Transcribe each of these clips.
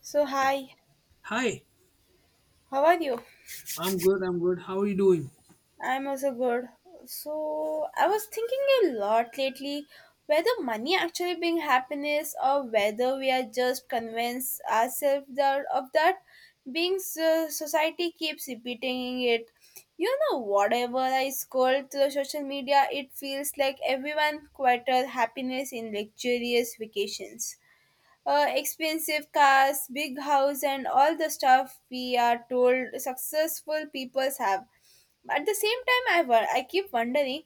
So, hi, Hi, how are you? I'm good. I'm good. How are you doing? I'm also good. So, I was thinking a lot lately whether money actually brings happiness or whether we are just convinced ourselves of that being so, society keeps repeating it. You know, whatever I scroll through social media, it feels like everyone quieted happiness in luxurious vacations. Expensive cars, big house, and all the stuff we are told successful people have. At the same time, I keep wondering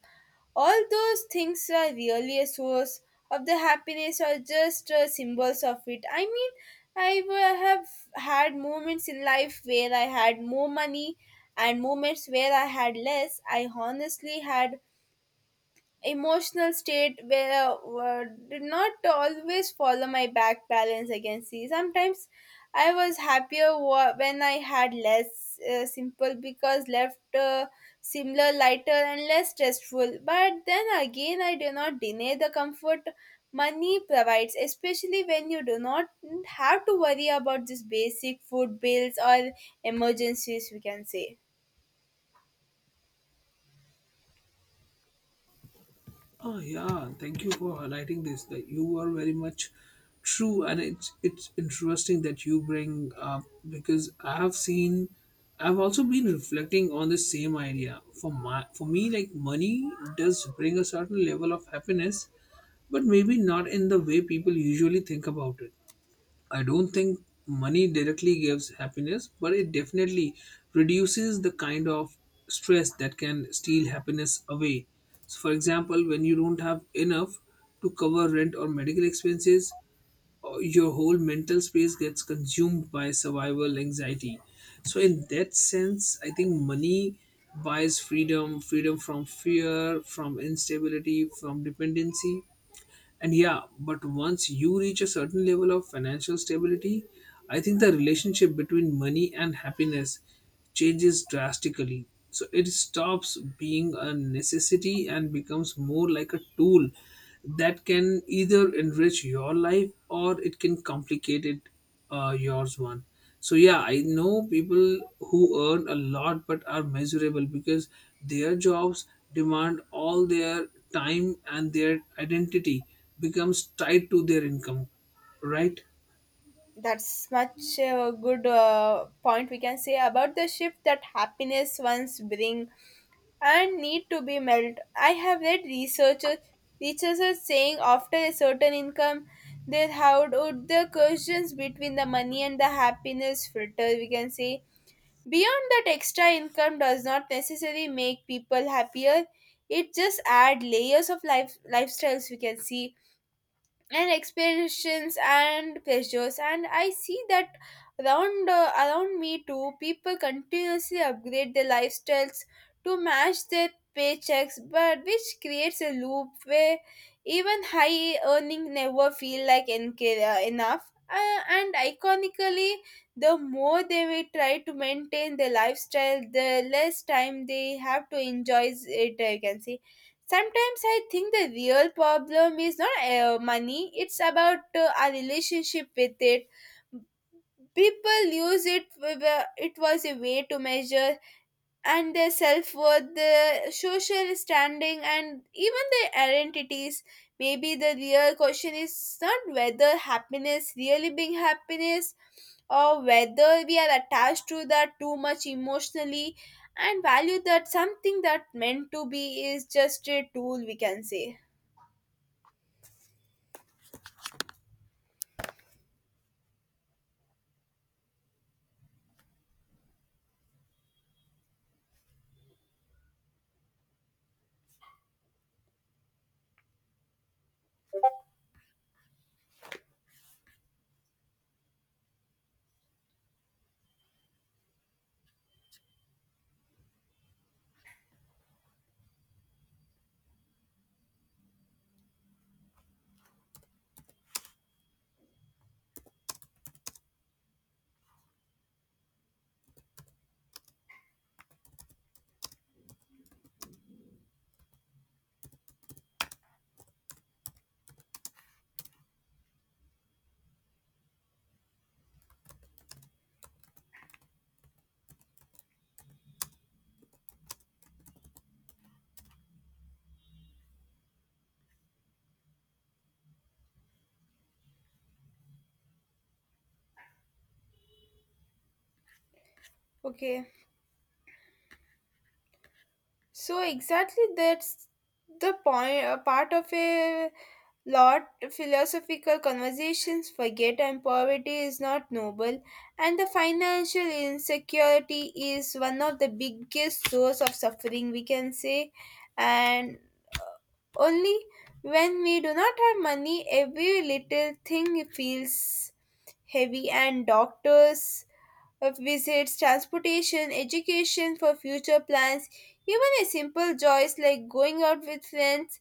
all those things are really a source of the happiness or just symbols of it. I mean, have had moments in life where I had more money and moments where I had less. I honestly had emotional state where did not always follow my back balance against sea. Sometimes I was happier when I had less simple because left similar lighter and less stressful. But then again, I do not deny the comfort money provides, especially when you do not have to worry about these basic food bills or emergencies. We can say. Oh yeah, thank you for highlighting this. That you are very much true, and it's interesting that you bring up because I have seen, I've also been reflecting on the same idea. For me, like money does bring a certain level of happiness, but maybe not in the way people usually think about it. I don't think money directly gives happiness, but it definitely reduces the kind of stress that can steal happiness away. So, for example, when you don't have enough to cover rent or medical expenses, your whole mental space gets consumed by survival anxiety. So, in that sense, I think money buys freedom, from fear, from instability, from dependency, and yeah, but once you reach a certain level of financial stability, I think the relationship between money and happiness changes drastically. So it stops being a necessity and becomes more like a tool that can either enrich your life or it can complicate it, yours one. So yeah, I know people who earn a lot but are miserable because their jobs demand all their time and their identity becomes tied to their income, right? That's much a good point, we can say, about the shift that happiness once bring and need to be melt. I have read researchers saying after a certain income, they how would the questions between the money and the happiness filter, we can say. Beyond that, extra income does not necessarily make people happier. It just add layers of life lifestyles, we can see, and expressions and pleasures, and I see that around around me too. People continuously upgrade their lifestyles to match their paychecks, but which creates a loop where even high earning never feel like enough. And iconically, the more they will try to maintain their lifestyle, the less time they have to enjoy it, I can say. Sometimes I think the real problem is not money, it's about our relationship with it. People use it, with, it was a way to measure and their self-worth, their social standing, and even their identities. Maybe the real question is not whether happiness really being happiness or whether we are attached to that too much emotionally and value that something that meant to be is just a tool, we can say. Okay, so exactly, that's the point. A part of a lot philosophical conversations forget, and poverty is not noble, and the financial insecurity is one of the biggest source of suffering, we can say. And uh, only when we do not have money, every little thing feels heavy and doctors visits, transportation, education for future plans, even a simple joys like going out with friends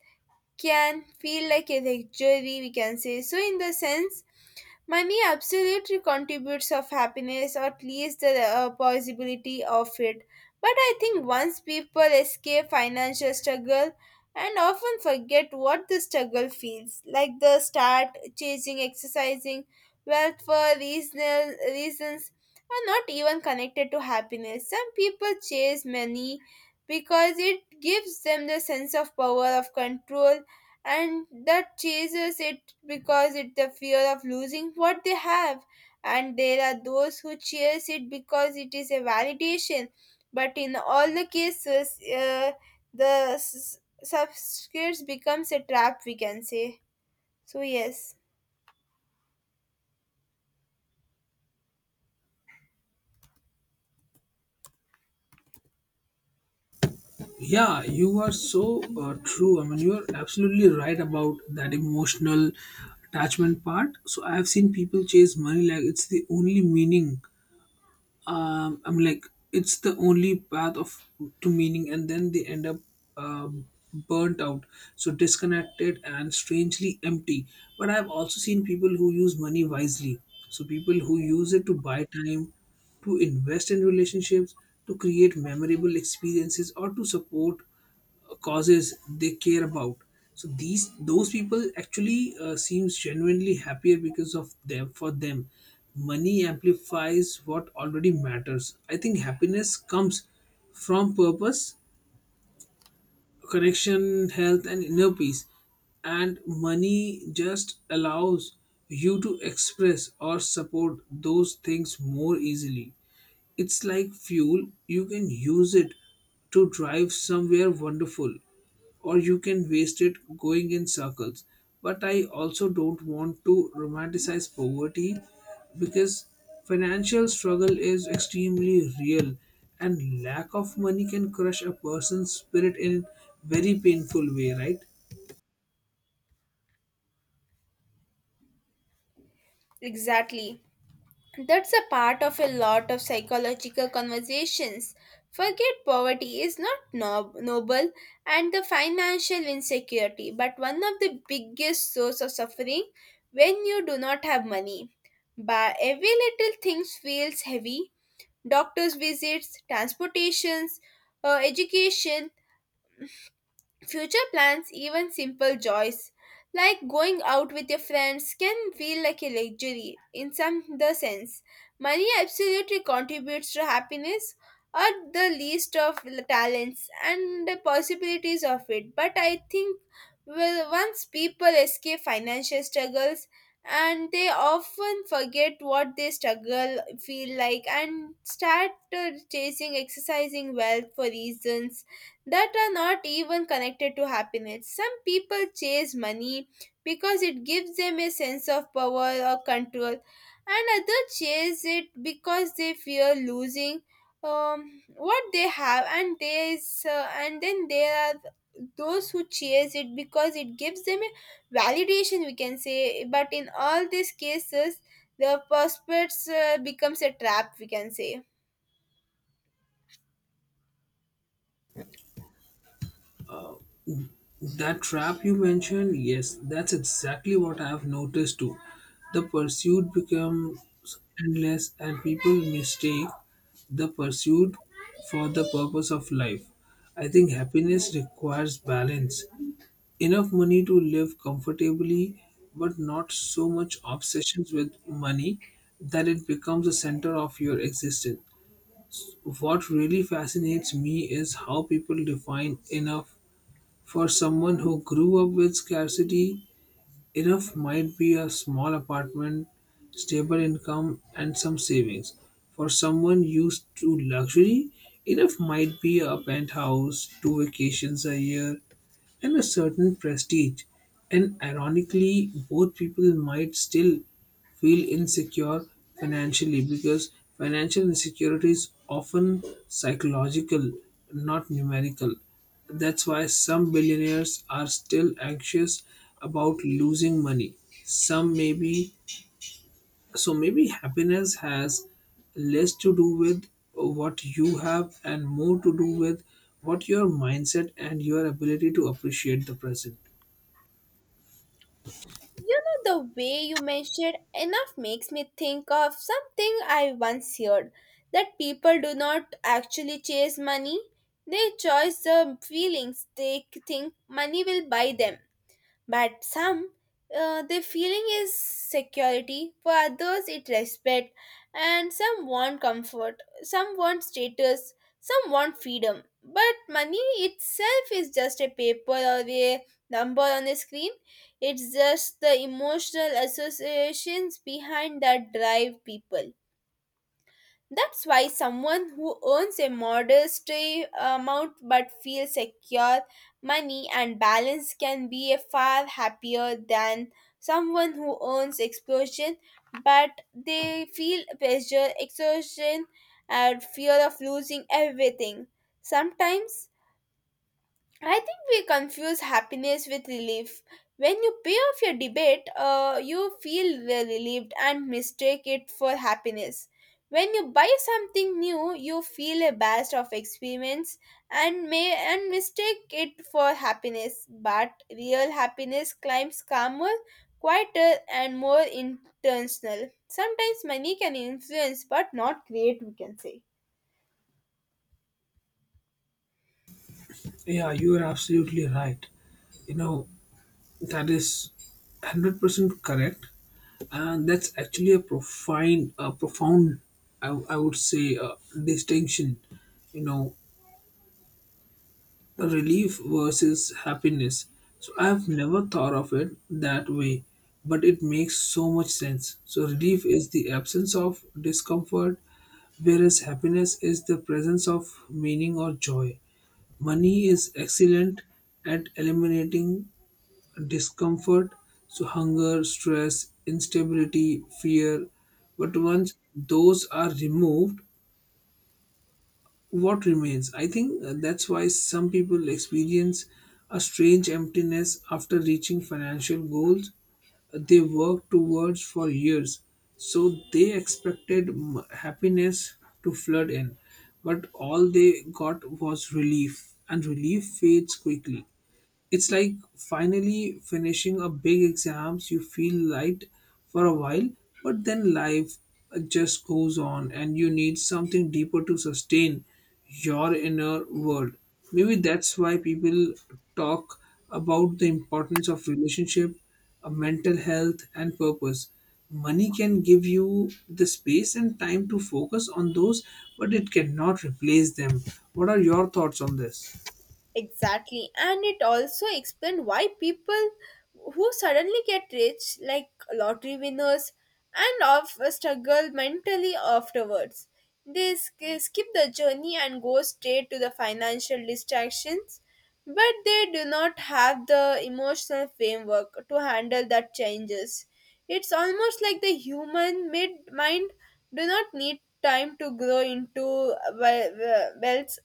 can feel like a luxury, we can say. So in the sense, money absolutely contributes of happiness, or at least the possibility of it. But I think once people escape financial struggle and often forget what the struggle feels like, they start chasing exercising wealth for reasonal reasons are not even connected to happiness. Some people chase money because it gives them the sense of power of control, and that chases it because it's the fear of losing what they have, and there are those who chase it because it is a validation. But in all the cases the subscripts becomes a trap, we can say. So yes, Yeah, you are so true. I mean, you are absolutely right about that emotional attachment part. So I have seen people chase money like it's the only meaning, I'm like, it's the only path of to meaning, and then they end up um, burnt out, so disconnected and strangely empty. But I've also seen people who use money wisely, so people who use it to buy time, to invest in relationships, to create memorable experiences, or to support causes they care about. So these those people actually seems genuinely happier, because of them for them money amplifies what already matters. I think happiness comes from purpose, connection, health, and inner peace, and money just allows you to express or support those things more easily. It's like fuel: you can use it to drive somewhere wonderful, or you can waste it going in circles. But I also don't want to romanticize poverty because financial struggle is extremely real, and lack of money can crush a person's spirit in very painful way, right? exactly. That's a part of a lot of psychological conversations. Forget poverty is not noble, and the financial insecurity, but one of the biggest source of suffering when you do not have money. But every little thing feels heavy. Doctors' visits, transportations, education, future plans, even simple joys like going out with your friends, can feel like a luxury in some the sense. Money absolutely contributes to happiness or the least of the talents and the possibilities of it. But I think, well, once people escape financial struggles and they often forget what they struggle feel like and start chasing exercising wealth for reasons that are not even connected to happiness. Some people chase money because it gives them a sense of power or control, and others chase it because they fear losing what they have. And then there are those who chase it because it gives them a validation, we can say. But in all these cases, the prospects becomes a trap, we can say. That trap you mentioned, yes, that's exactly what I've noticed too. The pursuit becomes endless and people mistake the pursuit for the purpose of life. I think happiness requires balance. Enough money to live comfortably, but not so much obsessions with money that it becomes the center of your existence. What really fascinates me is how people define enough. For someone who grew up with scarcity, enough might be a small apartment, stable income, and some savings. For someone used to luxury, enough might be a penthouse, two vacations a year, and a certain prestige. And ironically, both people might still feel insecure financially, because financial insecurity is often psychological, not numerical. That's why some billionaires are still anxious about losing money. Some maybe so maybe happiness has less to do with what you have and more to do with what your mindset and your ability to appreciate the present. You know, the way you mentioned enough makes me think of something I once heard that people do not actually chase money, they chase the feelings they think money will buy them. But some, the feeling is security, for others, it respect, and some want comfort, some want status, some want freedom. But money itself is just a paper or a number on a screen. It's just the emotional associations behind that drive people. That's why someone who earns a modest amount but feels secure, money, and balance can be a far happier than someone who earns explosion but they feel pressure, exhaustion, and fear of losing everything. Sometimes I think we confuse happiness with relief. When you pay off your debate, you feel relieved and mistake it for happiness. When you buy something new, you feel a burst of experience and mistake it for happiness. But real happiness climbs calmer, quieter, and more intentional. Sometimes money can influence, but not create. We can say. Yeah, you are absolutely right. You know, that is 100% correct. And that's actually a profound, I would say, distinction. You know, the relief versus happiness. So I've never thought of it that way, but it makes so much sense. So relief is the absence of discomfort, whereas happiness is the presence of meaning or joy. Money is excellent at eliminating discomfort, so hunger, stress, instability, fear. But once those are removed, what remains? I think that's why some people experience a strange emptiness after reaching financial goals they worked towards for years. So they expected happiness to flood in, but all they got was relief, and relief fades quickly. It's like finally finishing a big exams. You feel light for a while, but then life just goes on, and you need something deeper to sustain your inner world. Maybe that's why people talk about the importance of relationship, mental health, and purpose. Money can give you the space and time to focus on those, but it cannot replace them. What are your thoughts on this? Exactly, and it also explains why people who suddenly get rich, like lottery winners, and of struggle mentally afterwards. They skip the journey and go straight to the financial distractions, but they do not have the emotional framework to handle that changes. It's almost like the human mid mind do not need time to grow into wealth.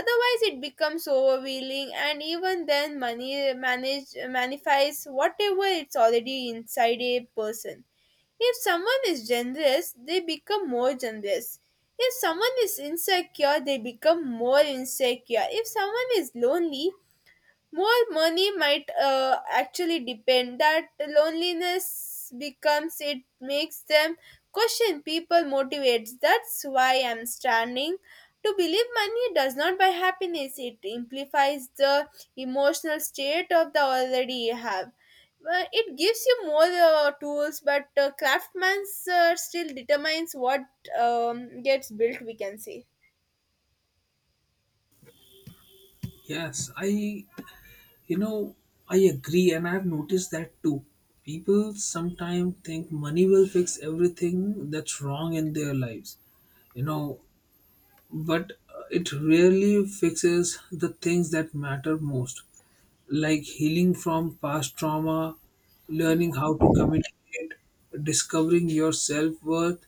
Otherwise, it becomes overwhelming, and even then, money manage manifests whatever it's already inside a person. If someone is generous, they become more generous. If someone is insecure, they become more insecure. If someone is lonely, more money might actually depend that loneliness becomes it makes them question people motivates. That's why I'm standing to believe money does not buy happiness. It amplifies the emotional state of the already you have. It gives you more tools, but craftsman's still determines what gets built. We can say. Yes, You know, I agree, and I've noticed that too. People sometimes think money will fix everything that's wrong in their lives, you know, but it really fixes the things that matter most, like healing from past trauma, learning how to communicate, discovering your self worth,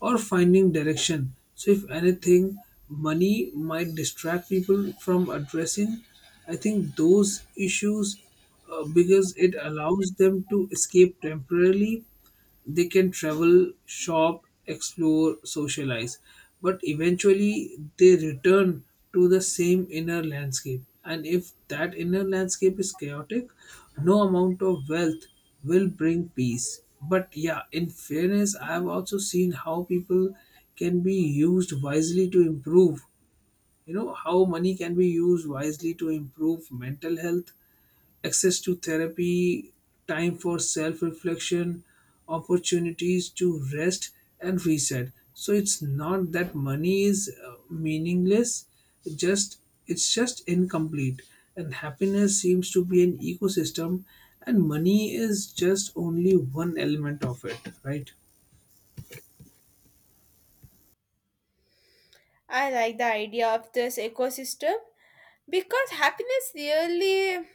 or finding direction. So, if anything, money might distract people from addressing, I think, those issues because it allows them to escape temporarily. They can travel, shop, explore, socialize, but eventually they return to the same inner landscape. And if that inner landscape is chaotic, no amount of wealth will bring peace. But yeah, in fairness, I have also seen how people can be used wisely to improve. You know, how money can be used wisely to improve mental health, access to therapy, time for self reflection, opportunities to rest and reset. So it's not that money is meaningless, it just it's just incomplete, and happiness seems to be an ecosystem and money is just only one element of it, right? I like the idea of this ecosystem because happiness really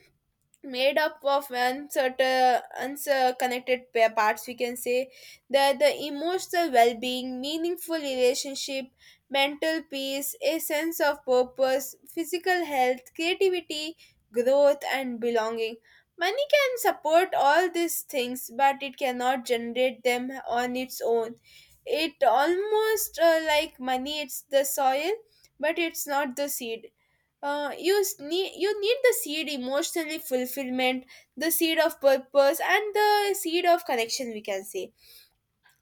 made up of uncertain unconnected parts, we can say, that the emotional well-being, meaningful relationship, mental peace, a sense of purpose, physical health, creativity, growth, and belonging. Money can support all these things, but it cannot generate them on its own. It almost like money, it's the soil but it's not the seed. Uh, you s- need you need the seed emotionally fulfillment, the seed of purpose, and the seed of connection, we can say.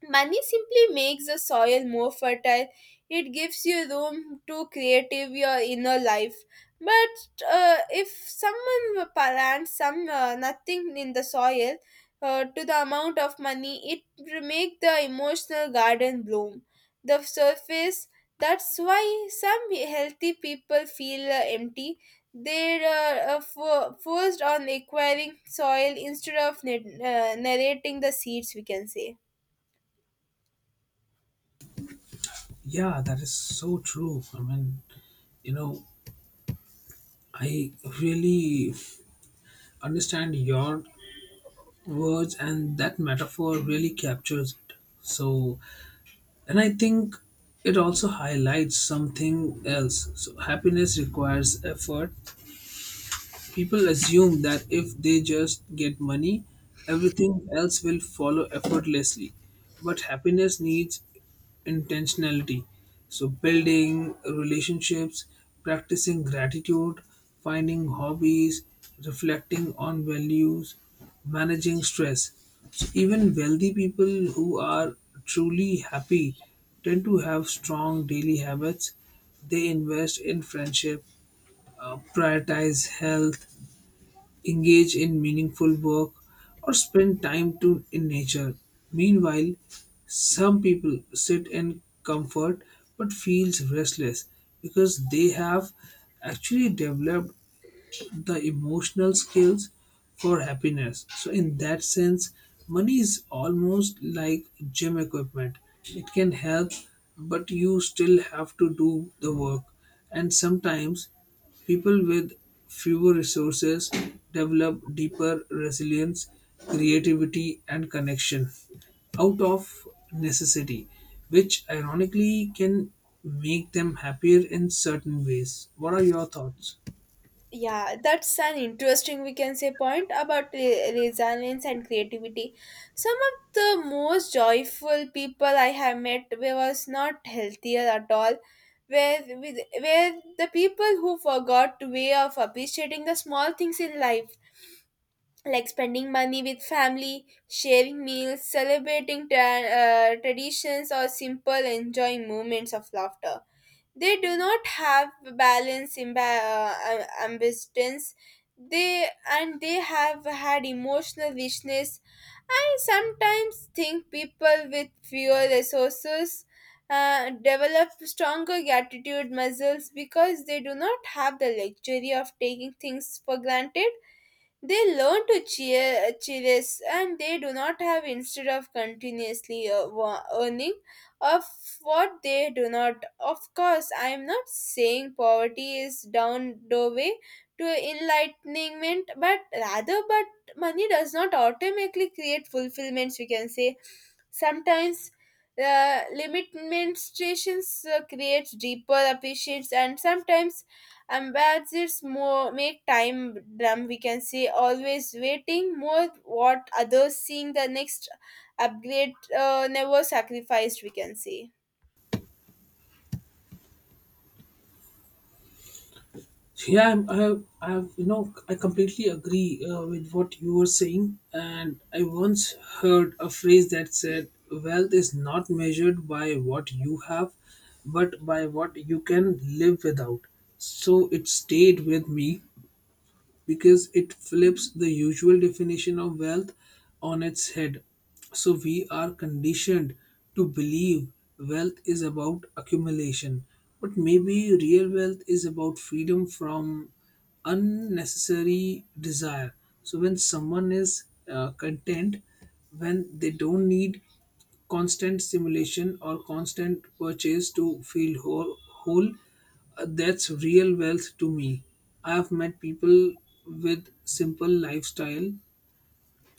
Money simply makes the soil more fertile. It gives you room to creative your inner life. But if someone plants some nothing in the soil to the amount of money, it will make the emotional garden bloom. The surface. That's why some healthy people feel empty. They are forced on acquiring soil instead of narrating the seeds. We can say. Yeah, that is so true. I mean, you know, I really understand your words, and that metaphor really captures it. So, and I think it also highlights something else: so happiness requires effort. People assume that if they just get money, everything else will follow effortlessly. But happiness needs intentionality. So, building relationships, practicing gratitude, finding hobbies, reflecting on values, managing stress. So, even wealthy people who are truly happy tend to have strong daily habits. They invest in friendship, prioritize health, engage in meaningful work, or spend time in nature. Meanwhile, some people sit in comfort but feels restless because they have actually developed the emotional skills for happiness. So, in that sense, money is almost like gym equipment. It can help, but you still have to do the work. And sometimes, people with fewer resources develop deeper resilience, creativity, and connection out of necessity, which ironically can make them happier in certain ways. What are your thoughts? Yeah, that's an interesting, we can say, point about resilience and creativity. Some of the most joyful people I have met was not healthier at all. Where, with, where the people who forgot way of appreciating the small things in life, like spending money with family, sharing meals, celebrating traditions, or simple enjoying moments of laughter, they do not have balance imba- am- they and they have had emotional richness. I sometimes think people with fewer resources develop stronger gratitude muscles because they do not have the luxury of taking things for granted. They learn to cheer, cherish, and they do not have instead of continuously earning of what they do not. Of course, I am not saying poverty is down the way to enlightenment, but rather, but money does not automatically create fulfillments. We can say sometimes limitations creates deeper appreciations, and sometimes ambassadors more make time dumb, we can say, always waiting, more what others seeing the next upgrade, never sacrificed, we can say. So, yeah, you know, I completely agree with what you were saying. And I once heard a phrase that said, wealth is not measured by what you have, but by what you can live without. So it stayed with me because it flips the usual definition of wealth on its head. So we are conditioned to believe wealth is about accumulation, but maybe real wealth is about freedom from unnecessary desire. So when someone is content, when they don't need constant simulation or constant purchase to feel whole, that's real wealth to me. I have met people with simple lifestyle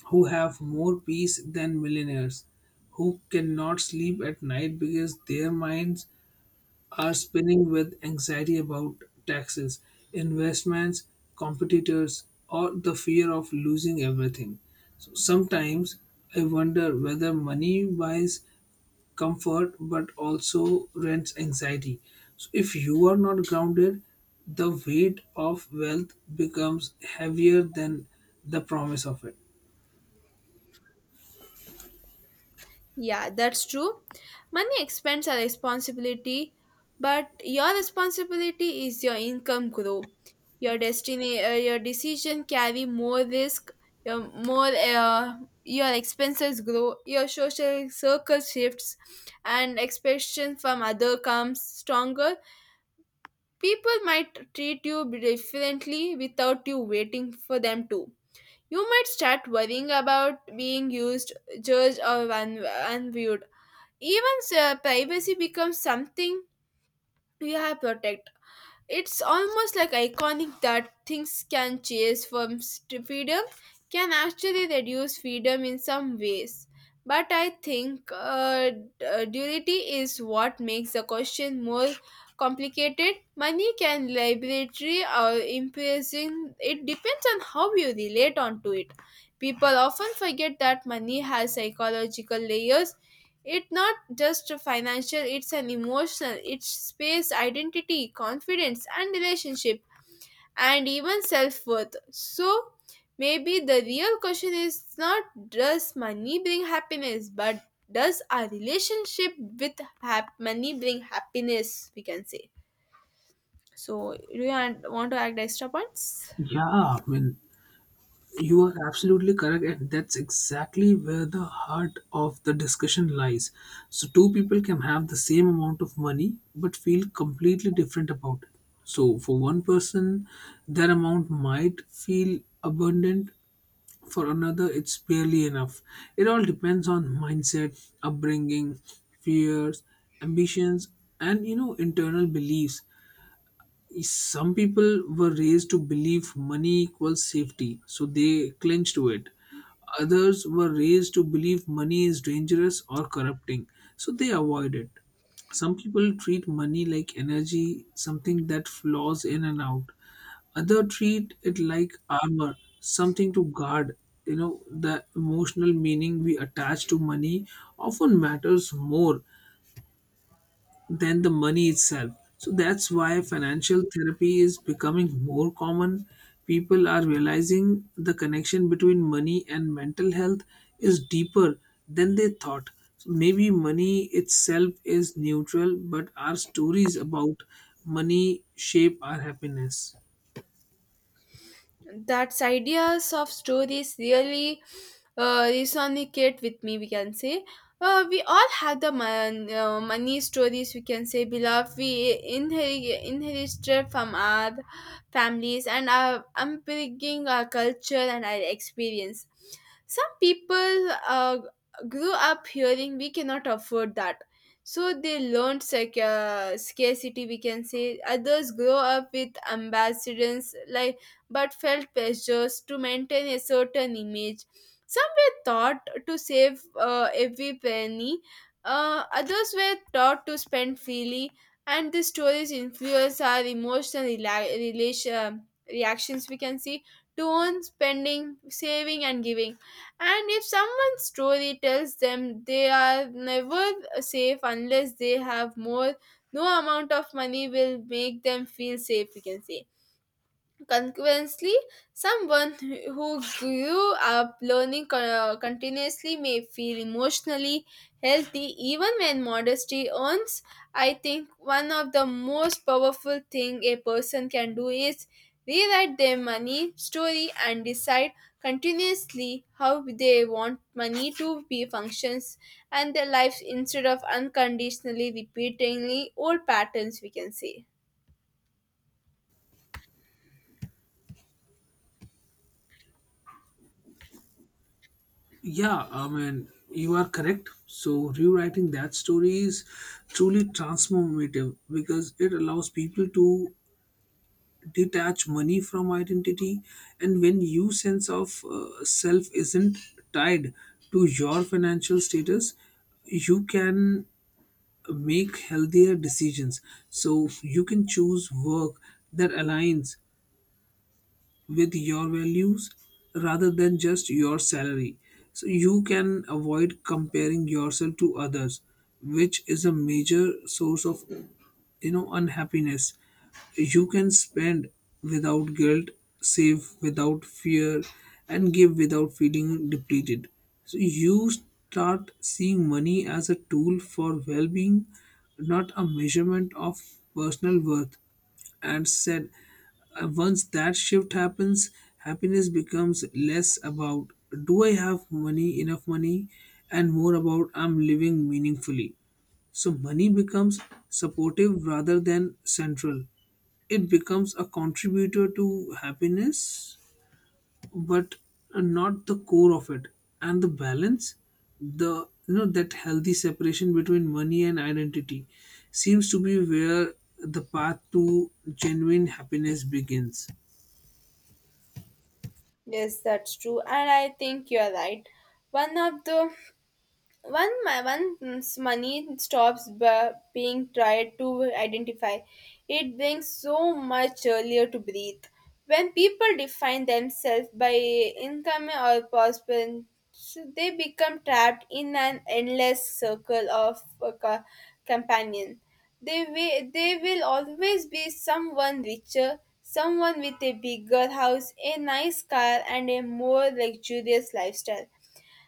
who have more peace than millionaires, who cannot sleep at night because their minds are spinning with anxiety about taxes, investments, competitors, or the fear of losing everything. So sometimes I wonder whether money buys comfort but also rents anxiety. So if you are not grounded, the weight of wealth becomes heavier than the promise of it. Yeah, that's true. Money expense are responsibility, but your responsibility is your income grow. Your destiny, your decision carry more risk. Your more, your expenses grow. Your social circle shifts, and expectation from other comes stronger. People might treat you differently without you waiting for them to. You might start worrying about being used, judged, or unviewed. Even privacy becomes something we have protect. It's almost like iconic that things can chase from freedom can actually reduce freedom in some ways. But I think duality is what makes the question more complicated. Money can liberatory or imprison, it depends on how you relate onto it. People often forget that money has psychological layers. It's not just a financial, it's an emotional, it's space, identity, confidence, and relationship, and even self worth. So, maybe the real question is not does money bring happiness, but does our relationship with money bring happiness? We can say. So, do you want to add extra points? Yeah, I mean, you are absolutely correct, and that's exactly where the heart of the discussion lies. So two people can have the same amount of money but feel completely different about it. So for one person, their amount might feel abundant. For another, it's barely enough. It all depends on mindset, upbringing, fears, ambitions, and you know, internal beliefs. Some people were raised to believe money equals safety, so they cling to it. Others were raised to believe money is dangerous or corrupting, so they avoid it. Some people treat money like energy, something that flows in and out. Others treat it like armor, something to guard. You know, the emotional meaning we attach to money often matters more than the money itself. So that's why financial therapy is becoming more common. People are realizing the connection between money and mental health is deeper than they thought. So maybe money itself is neutral, but our stories about money shape our happiness. That's ideas of stories really resonate with me, we can say. We all have the money stories, we can say, beloved. We inherited from our families and our upbringing, our culture, and our experience. Some people grew up hearing we cannot afford that. So they learned scarcity, we can say. Others grow up with ambassadors like but felt pressures to maintain a certain image. Some were taught to save every penny, others were taught to spend freely, and the stories influence our emotional reactions, we can see, to own spending, saving, and giving. And if someone's story tells them they are never safe unless they have more, no amount of money will make them feel safe, we can say. Consequently, someone who grew up learning continuously may feel emotionally healthy even when modesty earns. I think one of the most powerful thing a person can do is rewrite their money story and decide continuously how they want money to be functions and their lives instead of unconditionally repeating old patterns, we can say. Yeah, I mean, you are correct. So, rewriting that story is truly transformative because it allows people to detach money from identity. And when your sense of self isn't tied to your financial status, you can make healthier decisions. So you can choose work that aligns with your values rather than just your salary. So you can avoid comparing yourself to others, which is a major source of, you know, unhappiness. You can spend without guilt, save without fear, and give without feeling depleted. So you start seeing money as a tool for well-being, not a measurement of personal worth. And said, once that shift happens, happiness becomes less about do I have money enough money, and more about I'm living meaningfully. So money becomes supportive rather than central. It becomes a contributor to happiness, but not the core of it. And the balance, the you know, that healthy separation between money and identity, seems to be where the path to genuine happiness begins. Yes, that's true, and I think you're right. One of the one, my once money stops being tried to identify, it brings so much earlier to breathe. When people define themselves by income or prosperity, they become trapped in an endless circle of companion. They will always be someone richer, someone with a bigger house, a nice car, and a more luxurious lifestyle,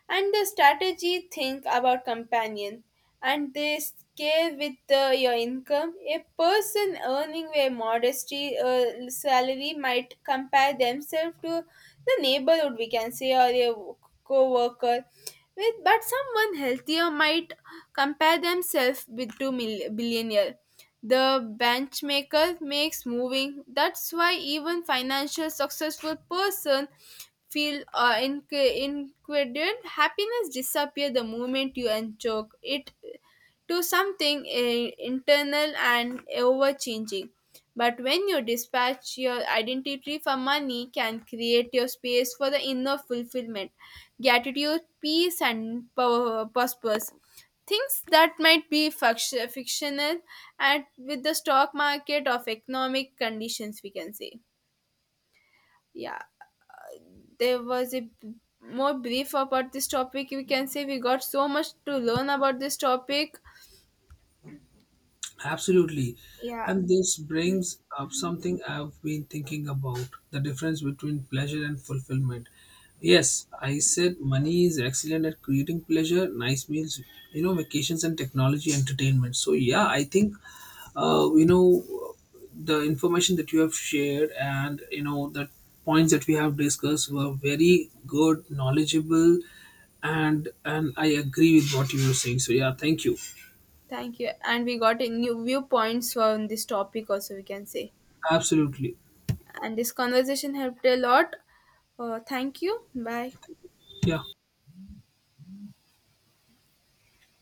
and the strategy think about companions, and they scale with your income. A person earning a modest salary might compare themselves to the neighborhood, we can say, or a co-worker with, but someone healthier might compare themselves with to billionaire. The benchmaker makes moving. That's why even financial successful person feel incredent happiness disappear the moment you enjoy it to something internal and over changing. But when you dispatch your identity for money can create your space for the inner fulfillment, gratitude, peace, and purpose. Things that might be fictional and with the stock market of economic conditions, we can say. Yeah, there was a more brief about this topic. We can say we got so much to learn about this topic. Absolutely. Yeah, And this brings up something I've been thinking about: the difference between pleasure and fulfillment. Yes, I said money is excellent at creating pleasure: nice meals, you know, vacations, and technology entertainment. So, yeah, I think, you know, the information that you have shared and, you know, the points that we have discussed were very good, knowledgeable, and I agree with what you were saying. So, yeah, thank you. thank you. And we got a new viewpoints on this topic also, we can say. Absolutely. And this conversation helped a lot. Thank you. Bye. Yeah.